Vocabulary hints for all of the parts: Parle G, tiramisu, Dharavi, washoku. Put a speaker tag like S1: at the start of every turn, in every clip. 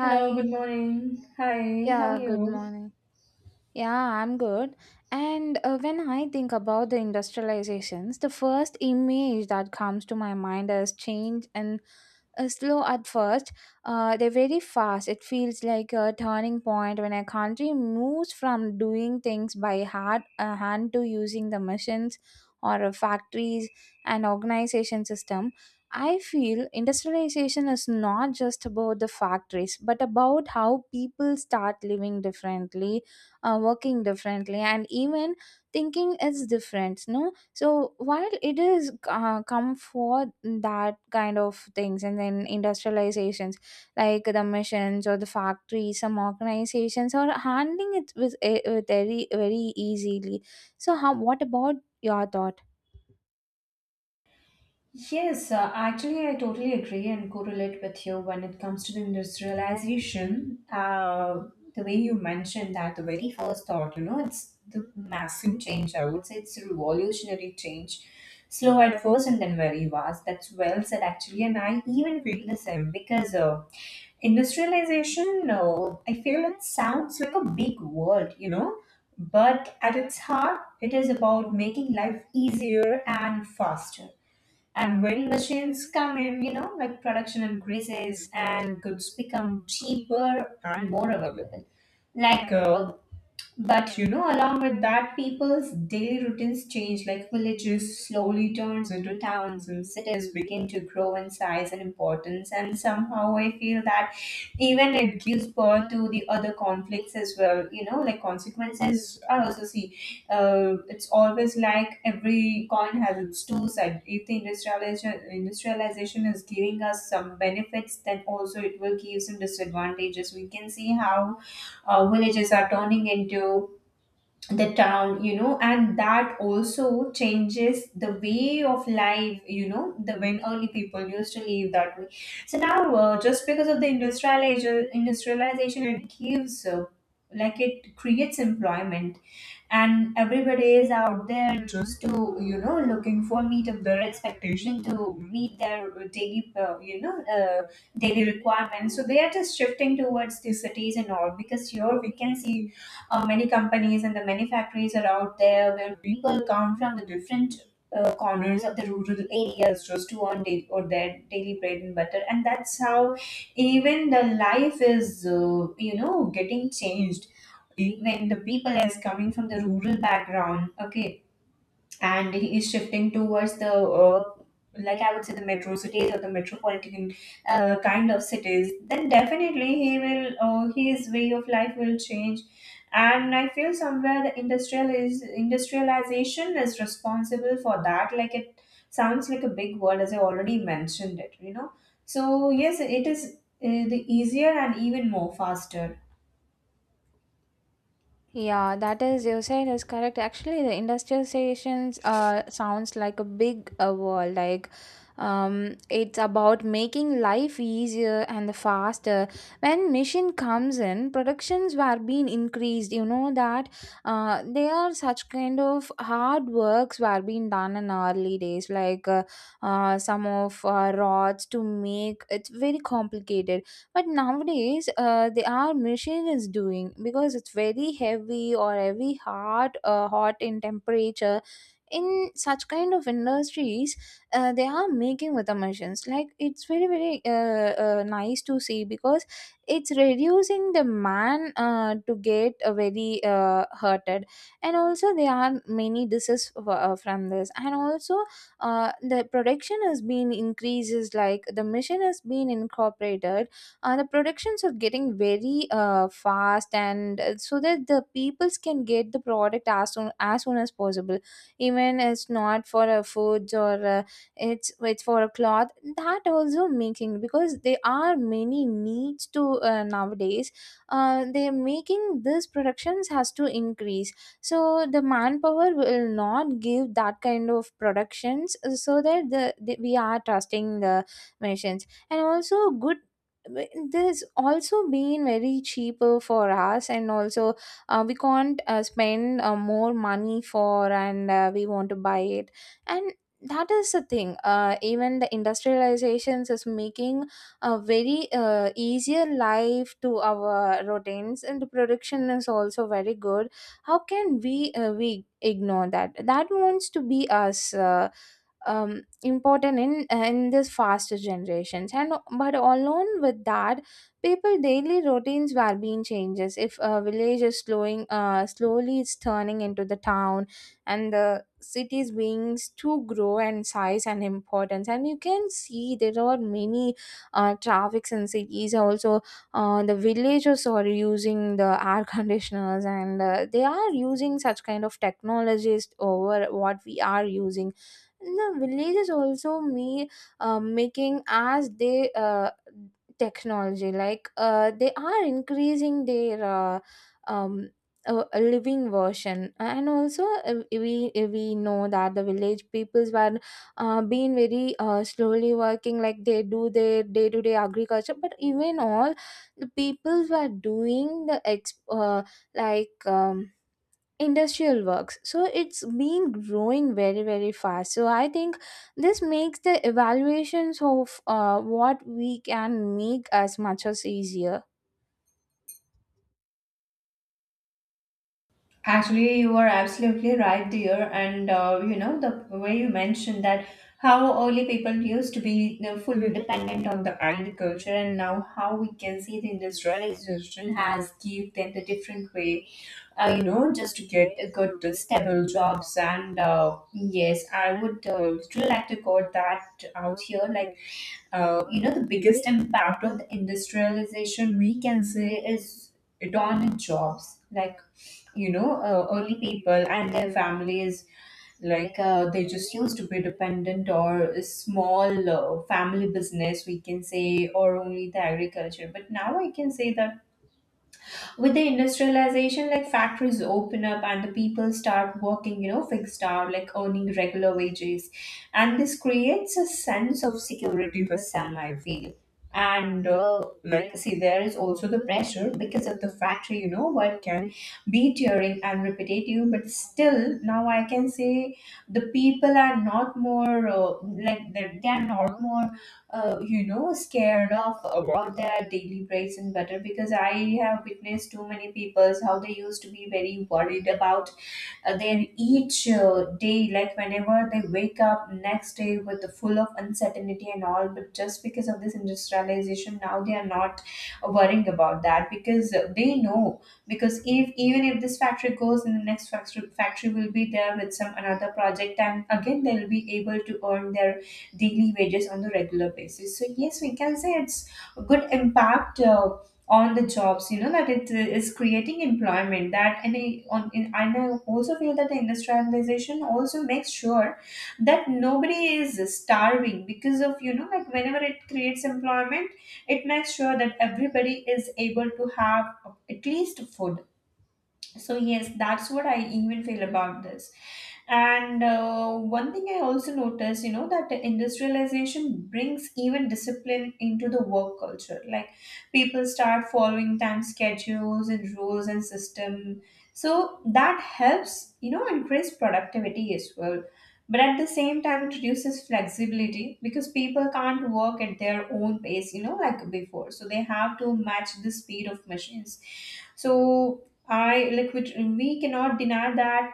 S1: Hello, good morning. Hi, how
S2: Yeah,
S1: are
S2: good
S1: you?
S2: morning. Yeah, I'm good. And when I think about the industrializations, the first image that comes to my mind is change and slow at first, they're very fast. It feels like a turning point when a country moves from doing things by hard hand to using the machines or factories and organization system. I feel industrialization is not just about the factories, but about how people start living differently, working differently, and even thinking is different. No, so while it is come for that kind of things and then industrializations like the machines or the factories, some organizations are handling it with, with very, very easily. So how, what about your thought?
S1: Yes, actually, I totally agree and correlate with you when it comes to the industrialization. The way you mentioned that, the very first thought, you know, it's the massive change. I would say it's a revolutionary change. Slow at first and then very fast. That's well said, actually. And I even feel the same because industrialization, no, I feel it sounds like a big word, you know, but at its heart, it is about making life easier and faster, and when machines come in, you know, like production increases and goods become cheaper and more available. Like uh, but you know, along with that, people's daily routines change, like villages slowly turns into towns and cities begin to grow in size and importance. And somehow I feel that even it gives birth to the other conflicts as well. You know, like consequences are also see. It's always like every coin has its two sides. If the industrialization is giving us some benefits, then also it will give some disadvantages. We can see how villages are turning into the town, you know, and that also changes the way of life, you know, the when early people used to live that way. So now, just because of the industrialization, it gives like it creates employment, and everybody is out there just to, you know, looking for meet up their expectation to meet their daily daily requirements, so they are just shifting towards the cities and all, because here we can see many companies and the many factories are out there where people come from the different corners of the rural areas just to earn or their daily bread and butter, and that's how even the life is, you know, getting changed when the people is coming from the rural background. Okay. And he is shifting towards the like, I would say, the metro cities or the metropolitan kind of cities, then definitely he will, his way of life will change. And I feel somewhere the industrialization is responsible for that, like it sounds like a big word as I already mentioned it, you know. So yes, it is the easier and even more faster.
S2: Yeah, that is you saying is correct. Actually, the industrializations sounds like a big world. It's about making life easier and the faster. When machine comes in, productions were being increased. You know that, they are such kind of hard works were being done in early days. Like, some of rods to make it's very complicated but nowadays, they are machine is doing because it's very heavy or very hard, hot in temperature. In such kind of industries, they are making with the machines. Like it's very very nice to see because it's reducing the man to get very hurted, and also there are many diseases from this, and also the production has been increases like the machine has been incorporated, the productions are getting very fast and so that the peoples can get the product as soon as possible. Even it's not for foods or it's for a cloth, that also making because there are many needs to nowadays. They're making these productions has to increase, so the manpower will not give that kind of productions, so that the we are trusting the machines and also good, but there's also been very cheaper for us and also we can't spend more money for and we want to buy it. And that is the thing, even the industrializations is making a very easier life to our routines, and the production is also very good. How can we ignore that? That wants to be us um, important in this faster generations. And but along with that people daily routines were being changes, if a village is slowing slowly it's turning into the town and the cities being to grow and size and importance, and you can see there are many traffics in cities also. The villagers are using the air conditioners and they are using such kind of technologies over what we are using. The villages also me, making as they technology, like they are increasing their um, living version. And also we know that the village peoples were being very slowly working, like they do their day to day agriculture, but even all the peoples were doing the like um, industrial works. So it's been growing very very fast, so I think this makes the evaluations of what we can make as much as easier.
S1: Actually, you are absolutely right, dear. And you know, the way you mentioned that how early people used to be, you know, fully dependent on the agriculture, and now how we can see the industrialization has give them the different way, you know, just to get a good stable jobs. And yes, I would really like to quote that out here. Like, you know, the biggest impact of the industrialization we can say is it on jobs. Like, you know, early people and their families, they just used to be dependent or a small family business we can say, or only the agriculture. But now I can say that with the industrialization, like factories open up and the people start working, you know, fixed hour, like earning regular wages, and this creates a sense of security for some, I feel. And like, see, there is also the pressure because of the factory, you know, what can be tiring and repetitive. But still, now I can say the people are not more like, they are not more you know, scared of about their daily breaks and butter, because I have witnessed too many people's how they used to be very worried about they each day, like whenever they wake up next day with the full of uncertainty and all. But just because of this industrialization, now they are not worrying about that, because they know, because if even if this factory goes, and the next factory will be there with some another project, and again they'll be able to earn their daily wages on the regular basis. So yes, we can say it's a good impact on the jobs, you know, that it is creating employment. That and I- on in, and I also feel that the industrialization also makes sure that nobody is starving because of, you know, like whenever it creates employment, it makes sure that everybody is able to have at least food. So yes, that's what I even feel about this. And one thing I also notice, you know, that industrialization brings even discipline into the work culture, like people start following time schedules and rules and system. So that helps, you know, increase productivity as well. But at the same time, it reduces flexibility because people can't work at their own pace, you know, like before, so they have to match the speed of machines. So I like, which we cannot deny, that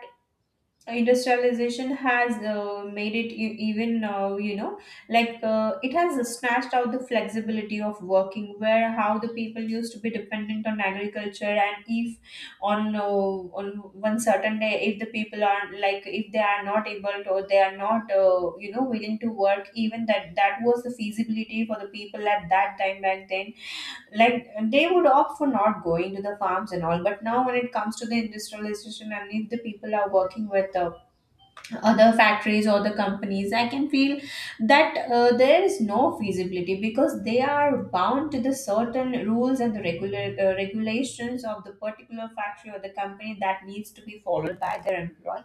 S1: industrialization has made it even you know, it has snatched out the flexibility of working, where how the people used to be dependent on agriculture, and if on one certain day if the people are like, if they are not able to, or they are not, you know, willing to work, even that was the feasibility for the people at that time back then, like they would opt for not going to the farms and all. But now when it comes to the industrialization, and if the people are working with other factories or the companies, I can feel that there is no feasibility, because they are bound to the certain rules and the regular regulations of the particular factory or the company that needs to be followed by their employee.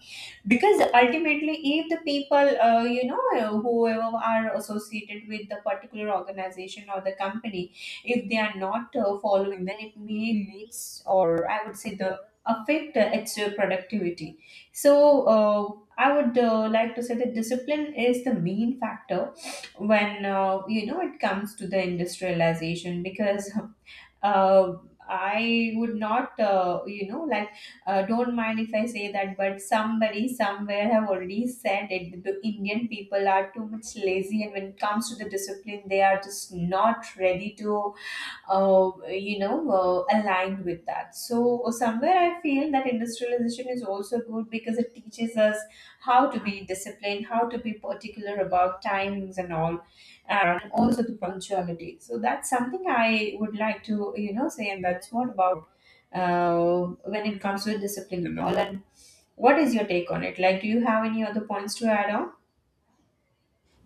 S1: Because ultimately, if the people, you know, whoever are associated with the particular organization or the company, if they are not following, then it may leads, or I would say the affect its productivity. So uh, I would like to say that discipline is the main factor when, you know, it comes to the industrialization, because uh, I would not, you know, like, don't mind if I say that, but somebody somewhere have already said it that the Indian people are too much lazy, and when it comes to the discipline they are just not ready to aligned with that. So somewhere I feel that industrialization is also good because it teaches us how to be disciplined, how to be particular about timings and all, and also the punctuality. So that's something I would like to, you know, say, and that's what about when it comes to discipline and all. And what is your take on it? Like, do you have any other points to add on?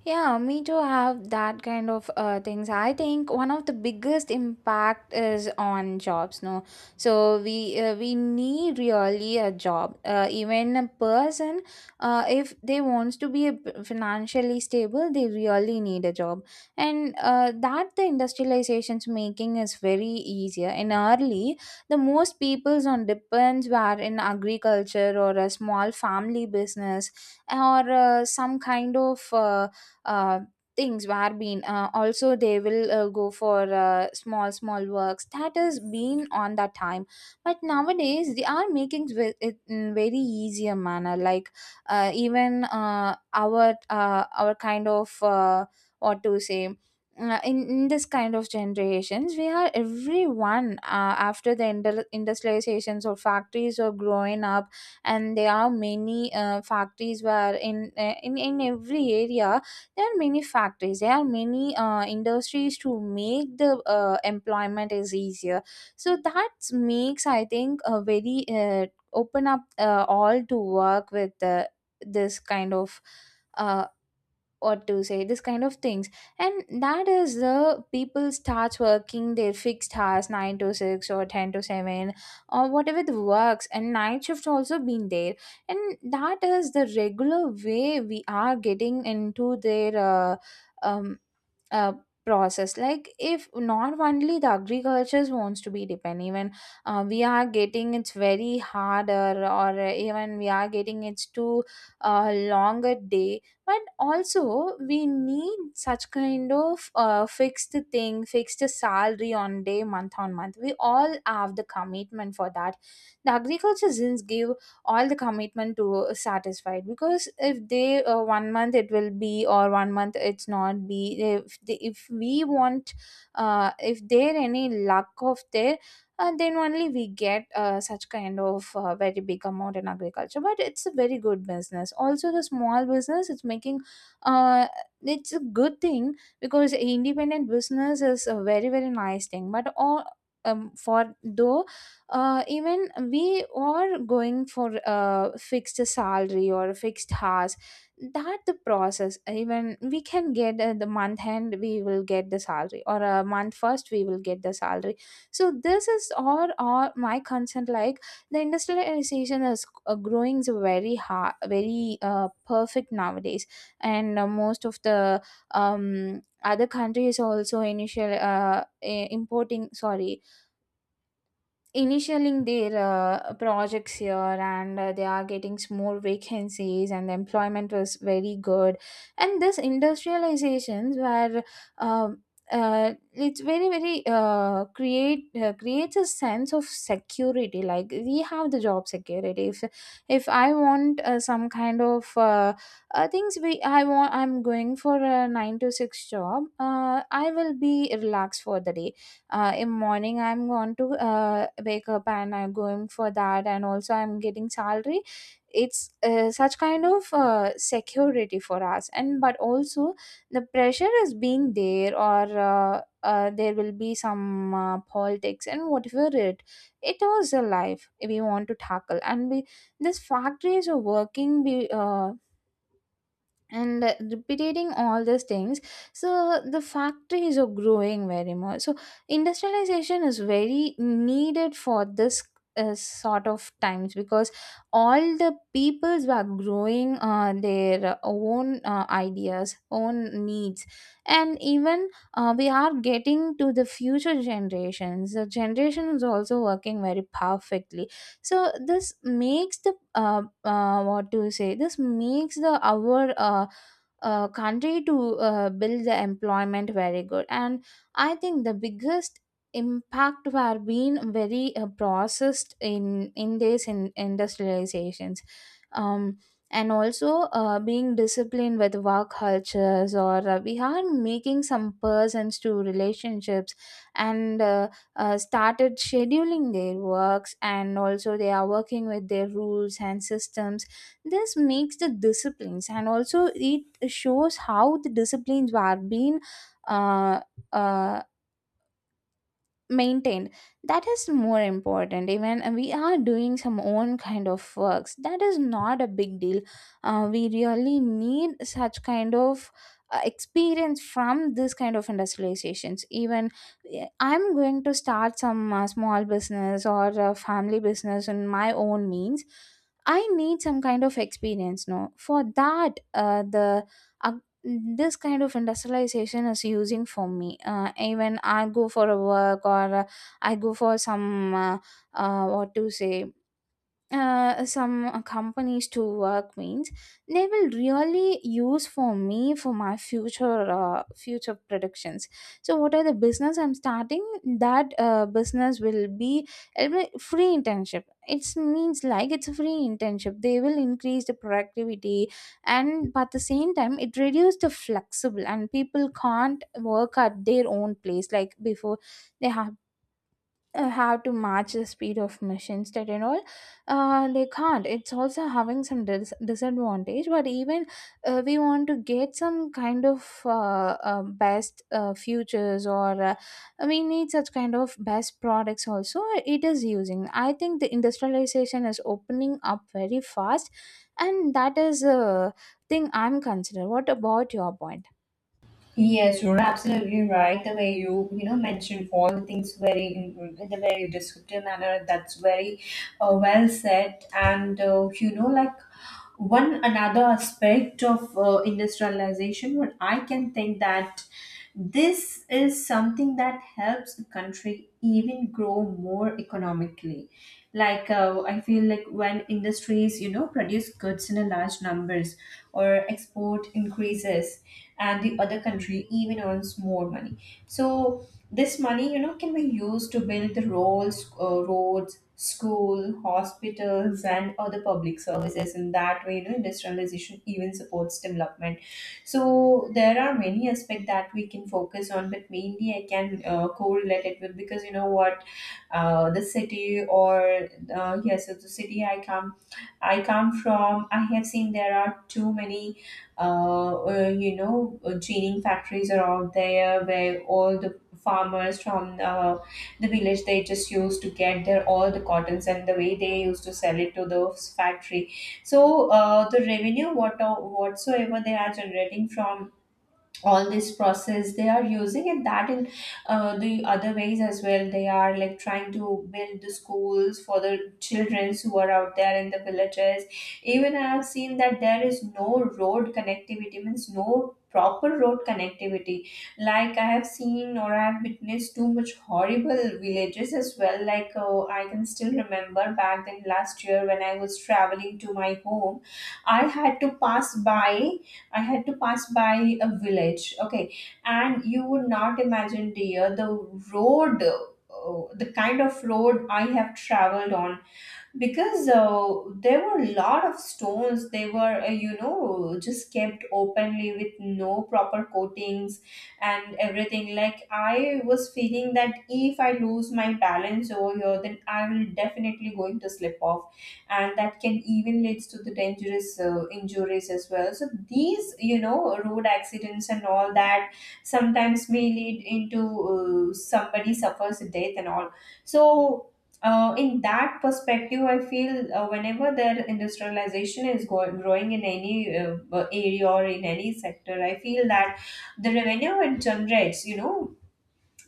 S2: Yeah, me too have that kind of things. I think one of the biggest impact is on jobs, no. So we need really a job. Even a person, if they wants to be a financially stable, they really need a job, and that the industrialization's making is very easier. And early, the most peoples on depends were in agriculture or a small family business or some kind of. Uh, Things were been, also they will go for small small works that has been on that time, but nowadays they are making it in very easier manner. Like even our kind of what to say, in this kind of generations we are everyone, after the industrializations or factories are growing up, and there are many factories were in every area. There are many factories, there are many industries to make the employment is easier. So that makes I think a very open up all to work with this kind of uh, what to say, this kind of things. And that is the people starts working their fixed hours 9 to 6 or 10 to 7, or whatever the works, and night shift also been there. And that is the regular way we are getting into their um, uh, process, like if not only the agriculture wants to be depend, even we are getting it's very harder, or even we are getting it's too longer day, but also we need such kind of fixed thing, fixed salary on day month on month. We all have the commitment for that. The agriculture zins give all the commitment to satisfied, because if they one month it will be or one month it's not be, if we want if there any lack of there, then only we get such kind of very big amount in agriculture. But it's a very good business, also the small business it's making, uh, it's a good thing, because independent business is a very very nice thing. But all, for though, even we are going for a fixed salary or a fixed hours, that the process, even we can get the month end we will get the salary, or a month first we will get the salary. So this is all my concern. Like the industrialization is growing so very hard, very perfect nowadays. And most of the other countries also initial, importing, sorry, initialing their projects here, and they are getting more vacancies and the employment was very good. And this industrializations were um, it's very very creates a sense of security. Like we have the job security, if I want some kind of things we I want, I'm going for a 9 to 6 job, I will be relaxed for the day. In morning I'm going to wake up, and I'm going for that, and also I'm getting salary. It's such kind of security for us. And but also the pressure is being there, or there will be some politics and whatever, it was a life we want to tackle. And we, these factories are working and repeating all these things. So the factories are growing very much, so industrialization is very needed for this sort of times, because all the peoples were growing their own ideas, own needs. And even we are getting to the future generations, the generation is also working very perfectly. So this makes the what to say, this makes the our country to build the employment very good. And I think the biggest impact were being very processed in these industrializations. um, and also being disciplined with work cultures, or we are making some persons to relationships, and started scheduling their works, and also they are working with their rules and systems. This makes the disciplines, and also it shows how the disciplines are being uh, uh, maintained. That is more important, even we are doing some own kind of works, that is not a big deal. We really need such kind of experience from this kind of industrializations. Even I'm going to start some small business or a family business in my own means, I need some kind of experience, no. For that the uh, this kind of industrialization is using for me. Even I go for a work, or I go for some what to say, some companies to work means, they will really use for me for my future future predictions. So what are the business I'm starting, that business will be, it'll be free internship. It means like it's a free internship. They will increase the productivity, and but at the same time it reduces the flexible, and people can't work at their own place like before. They have to match the speed of machines, that and all. They can't, it's also having some disadvantage. But even we want to get some kind of best futures, or we need such kind of best products also. It is using, I think. The industrialization is opening up very fast, and that is a thing I'm considering. What about your point?
S1: Yes, you're absolutely right. The way you, you know, mentioned all the things very in a very descriptive manner. That's very, well said. And you know, like one another aspect of industrialization what I can think, that this is something that helps a country even grow more economically. Like, I feel like when industries, you know, produce goods in a large numbers, or export increases, and the other country even earns more money. So this money, you know, can be used to build the roads, school, hospitals, and other public services. In that way, you know, industrialization even supports development. So there are many aspects that we can focus on, but mainly I can correlate it with because, you know what, the city or yes, so the city I come from. I have seen there are too many, you know, chaining factories are out there where all the farmers from the village, they just used to get their all the cottons and the way they used to sell it to the factory. So the revenue what, whatsoever they are generating from all this process, they are using, and that in the other ways as well, they are like trying to build the schools for the children who are out there in the villages. Even I have seen that there is no road connectivity, means no proper road connectivity. Like I have seen, or I have witnessed too much horrible villages as well. Like, I can still remember back then last year when I was traveling to my home, I had to pass by I had to pass by a village. Okay. And you would not imagine, dear, the road, the kind of road I have traveled on because there were a lot of stones. They were just kept openly with no proper coatings and everything. Like I was feeling that if I lose my balance over here, then I will definitely going to slip off, and that can even leads to the dangerous injuries as well. So these, road accidents and all that, sometimes may lead into, somebody suffers a death and all. So in that perspective, I feel, whenever their industrialization is growing in any area or in any sector, I feel that the revenue it generates,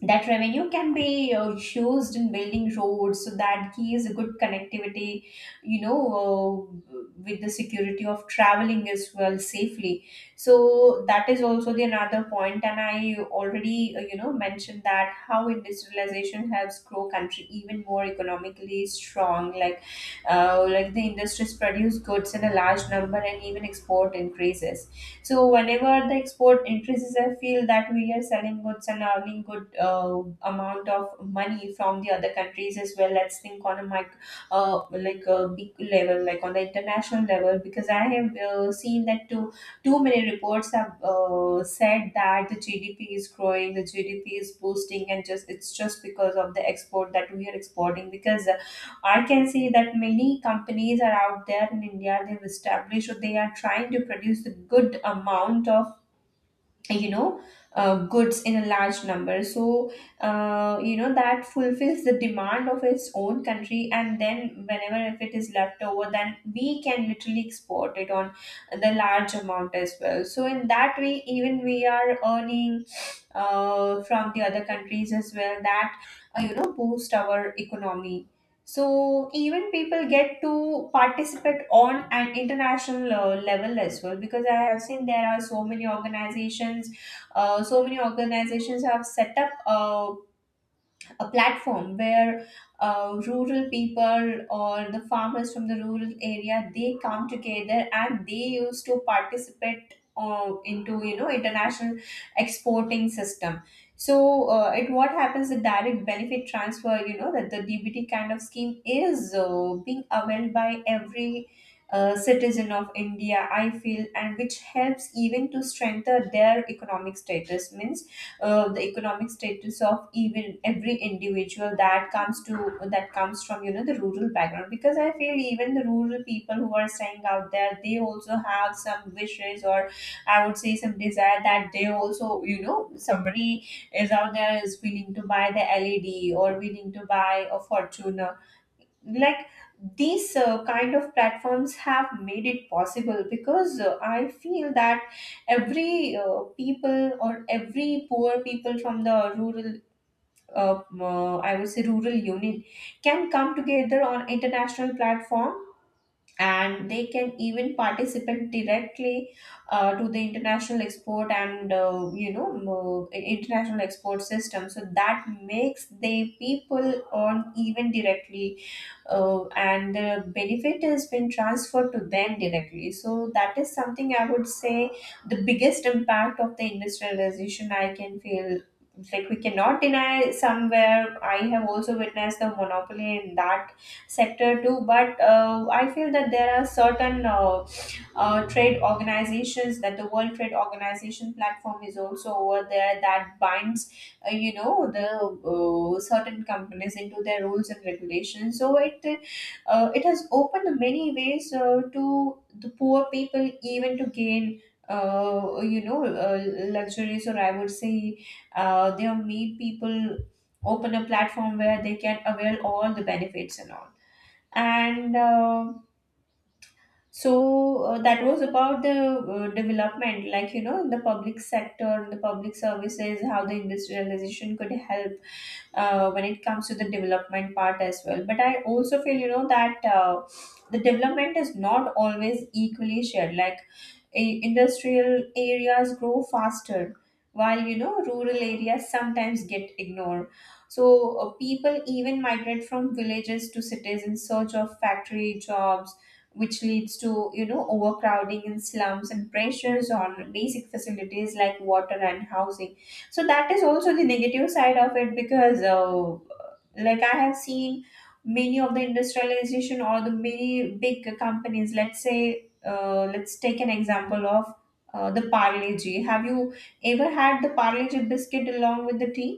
S1: that revenue can be used in building roads, so that gives a good connectivity, with the security of traveling as well safely. So that is also the another point, and I already, mentioned that how industrialization helps grow country even more economically strong. Like the industries produce goods in a large number and even export increases. So whenever the export increases, I feel that we are selling goods and earning good amount of money from the other countries as well. Let's think on a mic- Like a big level, like on the international level, because I have seen that too. Too many reports have said that the GDP is growing, the GDP is boosting, and just it's just because of the export that we are exporting. Because I can see that many companies are out there in India. They've established or they are trying to produce a good amount of, you know goods in a large number. So that fulfills the demand of its own country, and then whenever if it is left over, then we can literally export it on the large amount as well. So in that way, even we are earning from the other countries as well, that boost our economy. So even people get to participate on an international level as well, because I have seen there are so many organizations. So many organizations have set up a platform where rural people or the farmers from the rural area, they come together and they used to participate into international exporting system. So it what happens, the direct benefit transfer, that the DBT kind of scheme is being availed by every citizen of India, I feel, and which helps even to strengthen their economic status. Means the economic status of even every individual that comes from, the rural background. Because I feel even the rural people who are staying out there, they also have some wishes, or I would say some desire, that they also, somebody is out there is willing to buy the led or willing to buy a fortune. Like these uh, kind of platforms have made it possible, because I feel that every people or every poor people from the rural, I would say rural unit, can come together on international platform, and they can even participate directly to the international export and, international export system. So that makes the people earn even directly, and benefit has been transferred to them directly. So that is something I would say the biggest impact of the industrialization I can feel. Like we cannot deny, somewhere I have also witnessed the monopoly in that sector too. But I feel that there are certain, trade organizations, that the world trade organization platform is also over there, that binds, you know the certain companies into their rules and regulations. So it, it has opened many ways to the poor people even to gain, uh, you know uh, luxuries, or I would say they have made people open a platform where they can avail all the benefits and all. And uh, so uh, that was about the development, like, in the public sector, in the public services, how the industrialization could help when it comes to the development part as well. But I also feel, that the development is not always equally shared. Industrial areas grow faster, while, rural areas sometimes get ignored. So people even migrate from villages to cities in search of factory jobs, which leads to, overcrowding in slums and pressures on basic facilities like water and housing. So that is also the negative side of it, because like I have seen many of the industrialization or the many big companies, let's say, let's take an example of the Parle G. Have you ever had the Parle G biscuit along with the tea?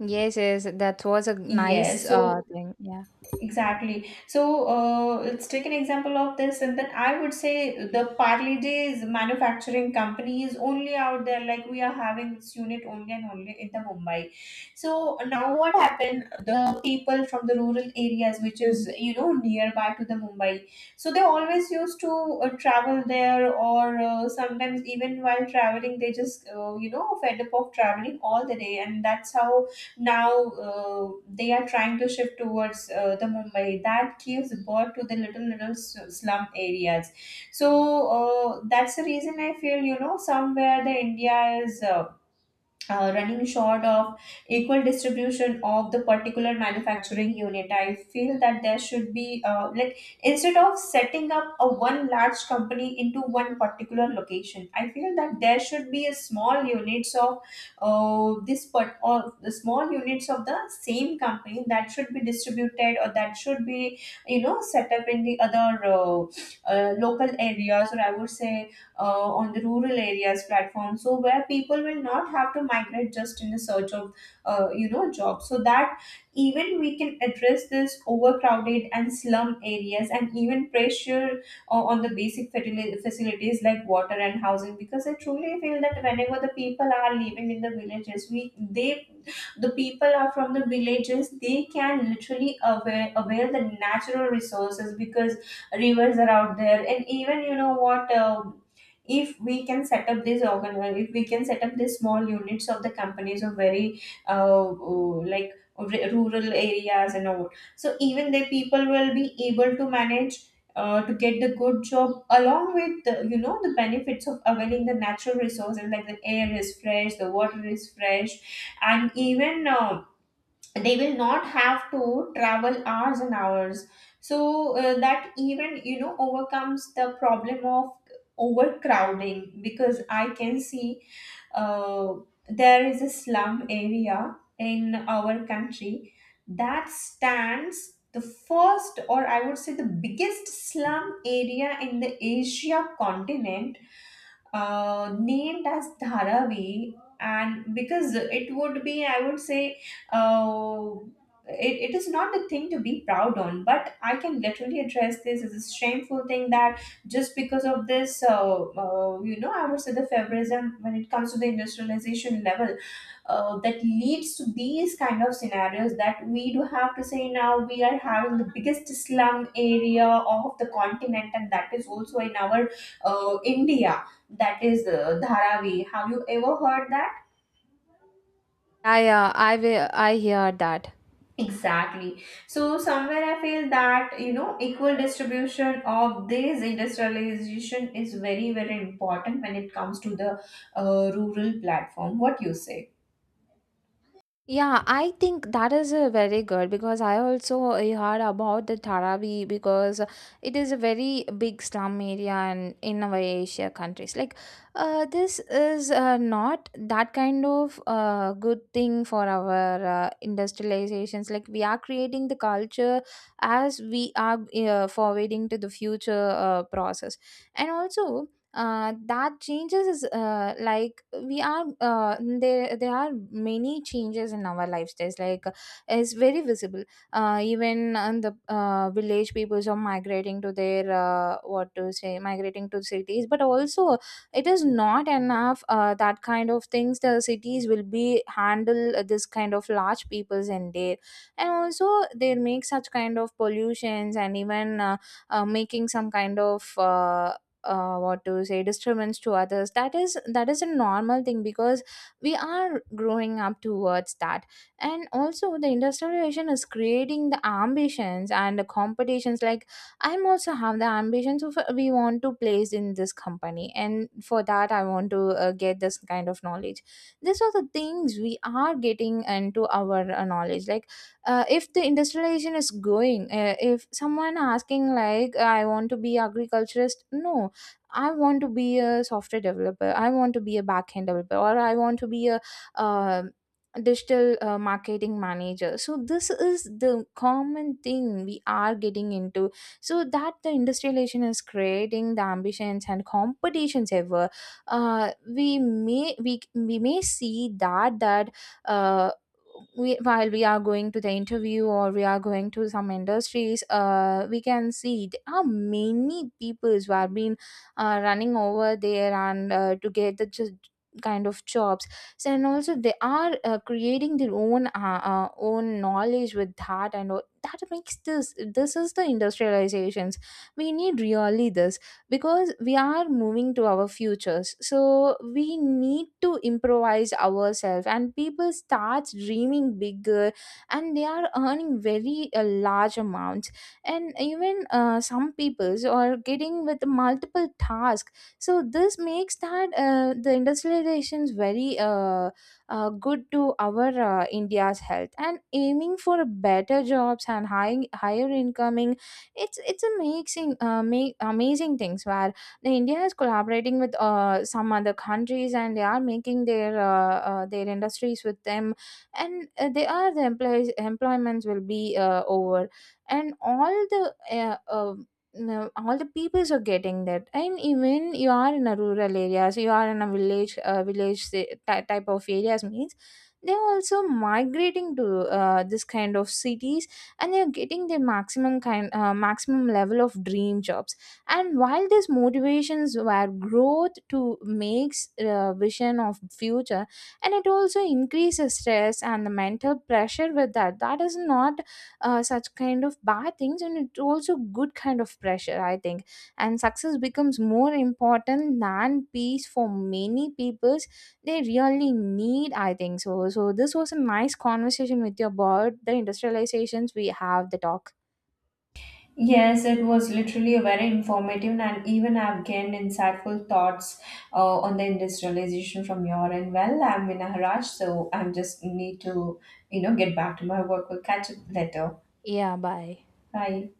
S2: Yes, yes, that was a nice
S1: Yes. So
S2: thing. Yeah.
S1: exactly. So let's take an example of this, and then I would say the Parley Days manufacturing company is only out there. Like we are having its unit only and only in the Mumbai. So now what happened? The people from the rural areas, which is, nearby to the Mumbai, so they always used to travel there, or sometimes even while traveling, they just, fed up of traveling all the day, and that's how now they are trying to shift towards the Mumbai. That gives birth to the little little slum areas. So that's the reason I feel, somewhere the India is, running short of equal distribution of the particular manufacturing unit. I feel that there should be like, instead of setting up a one large company into one particular location, I feel that there should be a small units of this part, or the small units of the same company, that should be distributed or that should be, set up in the other local areas, or I would say on the rural areas platform, so where people will not have to migrate just in the search of, job. So that even we can address this overcrowded and slum areas, and even pressure on the basic facilities like water and housing. Because I truly feel that whenever the people are living in the villages, we they the people are from the villages, they can literally avail, avail the natural resources, because rivers are out there. And even, you know what if we can set up this organ if we can set up these small units of the companies of very, uh, uh, like rural areas and all, so even the people will be able to manage to get the good job along with the, the benefits of availing the natural resources, like the air is fresh, the water is fresh, and even they will not have to travel hours and hours. So that even, overcomes the problem of overcrowding. Because I can see uh, there is a slum area in our country that stands the first, or I would say the biggest slum area in the Asia continent, named as Dharavi. And because it would be, I would say, uh, it, it is not a thing to be proud on, but I can literally address this as a shameful thing, that just because of this, I would say the favorism when it comes to the industrialization level, that leads to these kind of scenarios that we do have to say now we are having the biggest slum area of the continent, and that is also in our India. That is Dharavi. Have you ever heard that?
S2: I will, I hear that.
S1: Exactly. So somewhere I feel that, equal distribution of this industrialization is very very important when it comes to the rural platform. What you say?
S2: Yeah, I think that is very good, because I also heard about the Tarabi, because it is a very big slum area and in our Asia countries. Like, this is not that kind of good thing for our industrializations. Like, we are creating the culture as we are forwarding to the future process, and also. That changes is like we are there are many changes in our lifestyles, like it's very visible. Even on the village peoples are migrating to their, what to say, migrating to cities. But also it is not enough, that kind of things the cities will be handle this kind of large peoples in there. And also they make such kind of pollutions, and even making some kind of, what to say, disturbance to others. That is a normal thing, because we are growing up towards that. And also the industrialization is creating the ambitions and the competitions. Like, I'm also have the ambitions of, we want to place in this company, and for that I want to get this kind of knowledge. These are the things we are getting into our knowledge. Like if the industrialization is going, if someone asking like I want to be agriculturist, no, I want to be a software developer. I want to be a backend developer, or I want to be a uh, digital marketing manager. So this is the common thing we are getting into. So that the industrialization is creating the ambitions and competitions ever. We may see that that. Uh, we, while we are going to the interview or we are going to some industries, we can see there are many people who have been running over there, and to get the just kind of jobs. So, and also they are creating their own own knowledge with that and all. That makes this, this is the industrializations we need, really this, because we are moving to our futures, so we need to improvise ourselves, and people start dreaming bigger, and they are earning very large amounts, and even some peoples are getting with multiple tasks. So this makes that the industrializations very good to our India's health, and aiming for better jobs and higher incoming. It's amazing, amazing things where the India is collaborating with some other countries, and they are making their industries with them. And they are the employees employments will be over, and all the no, all the peoples are getting that. And even you are in a rural areas, you are in a village, type of areas means they're also migrating to this kind of cities, and they're getting their maximum level of dream jobs. And while these motivations were growth to makes vision of future, and it also increases stress and the mental pressure with that. That is not such kind of bad things, and it's also good kind of pressure, I think. And success becomes more important than peace for many peoples. They really need, I think. So so this was a nice conversation with you about the industrializations we have the talk.
S1: Yes, it was literally a very informative, and even I've gained insightful thoughts on the industrialization from your end. Well, I'm in a rush, so I'm just need to, get back to my work. We'll catch up later.
S2: Yeah, bye.
S1: Bye.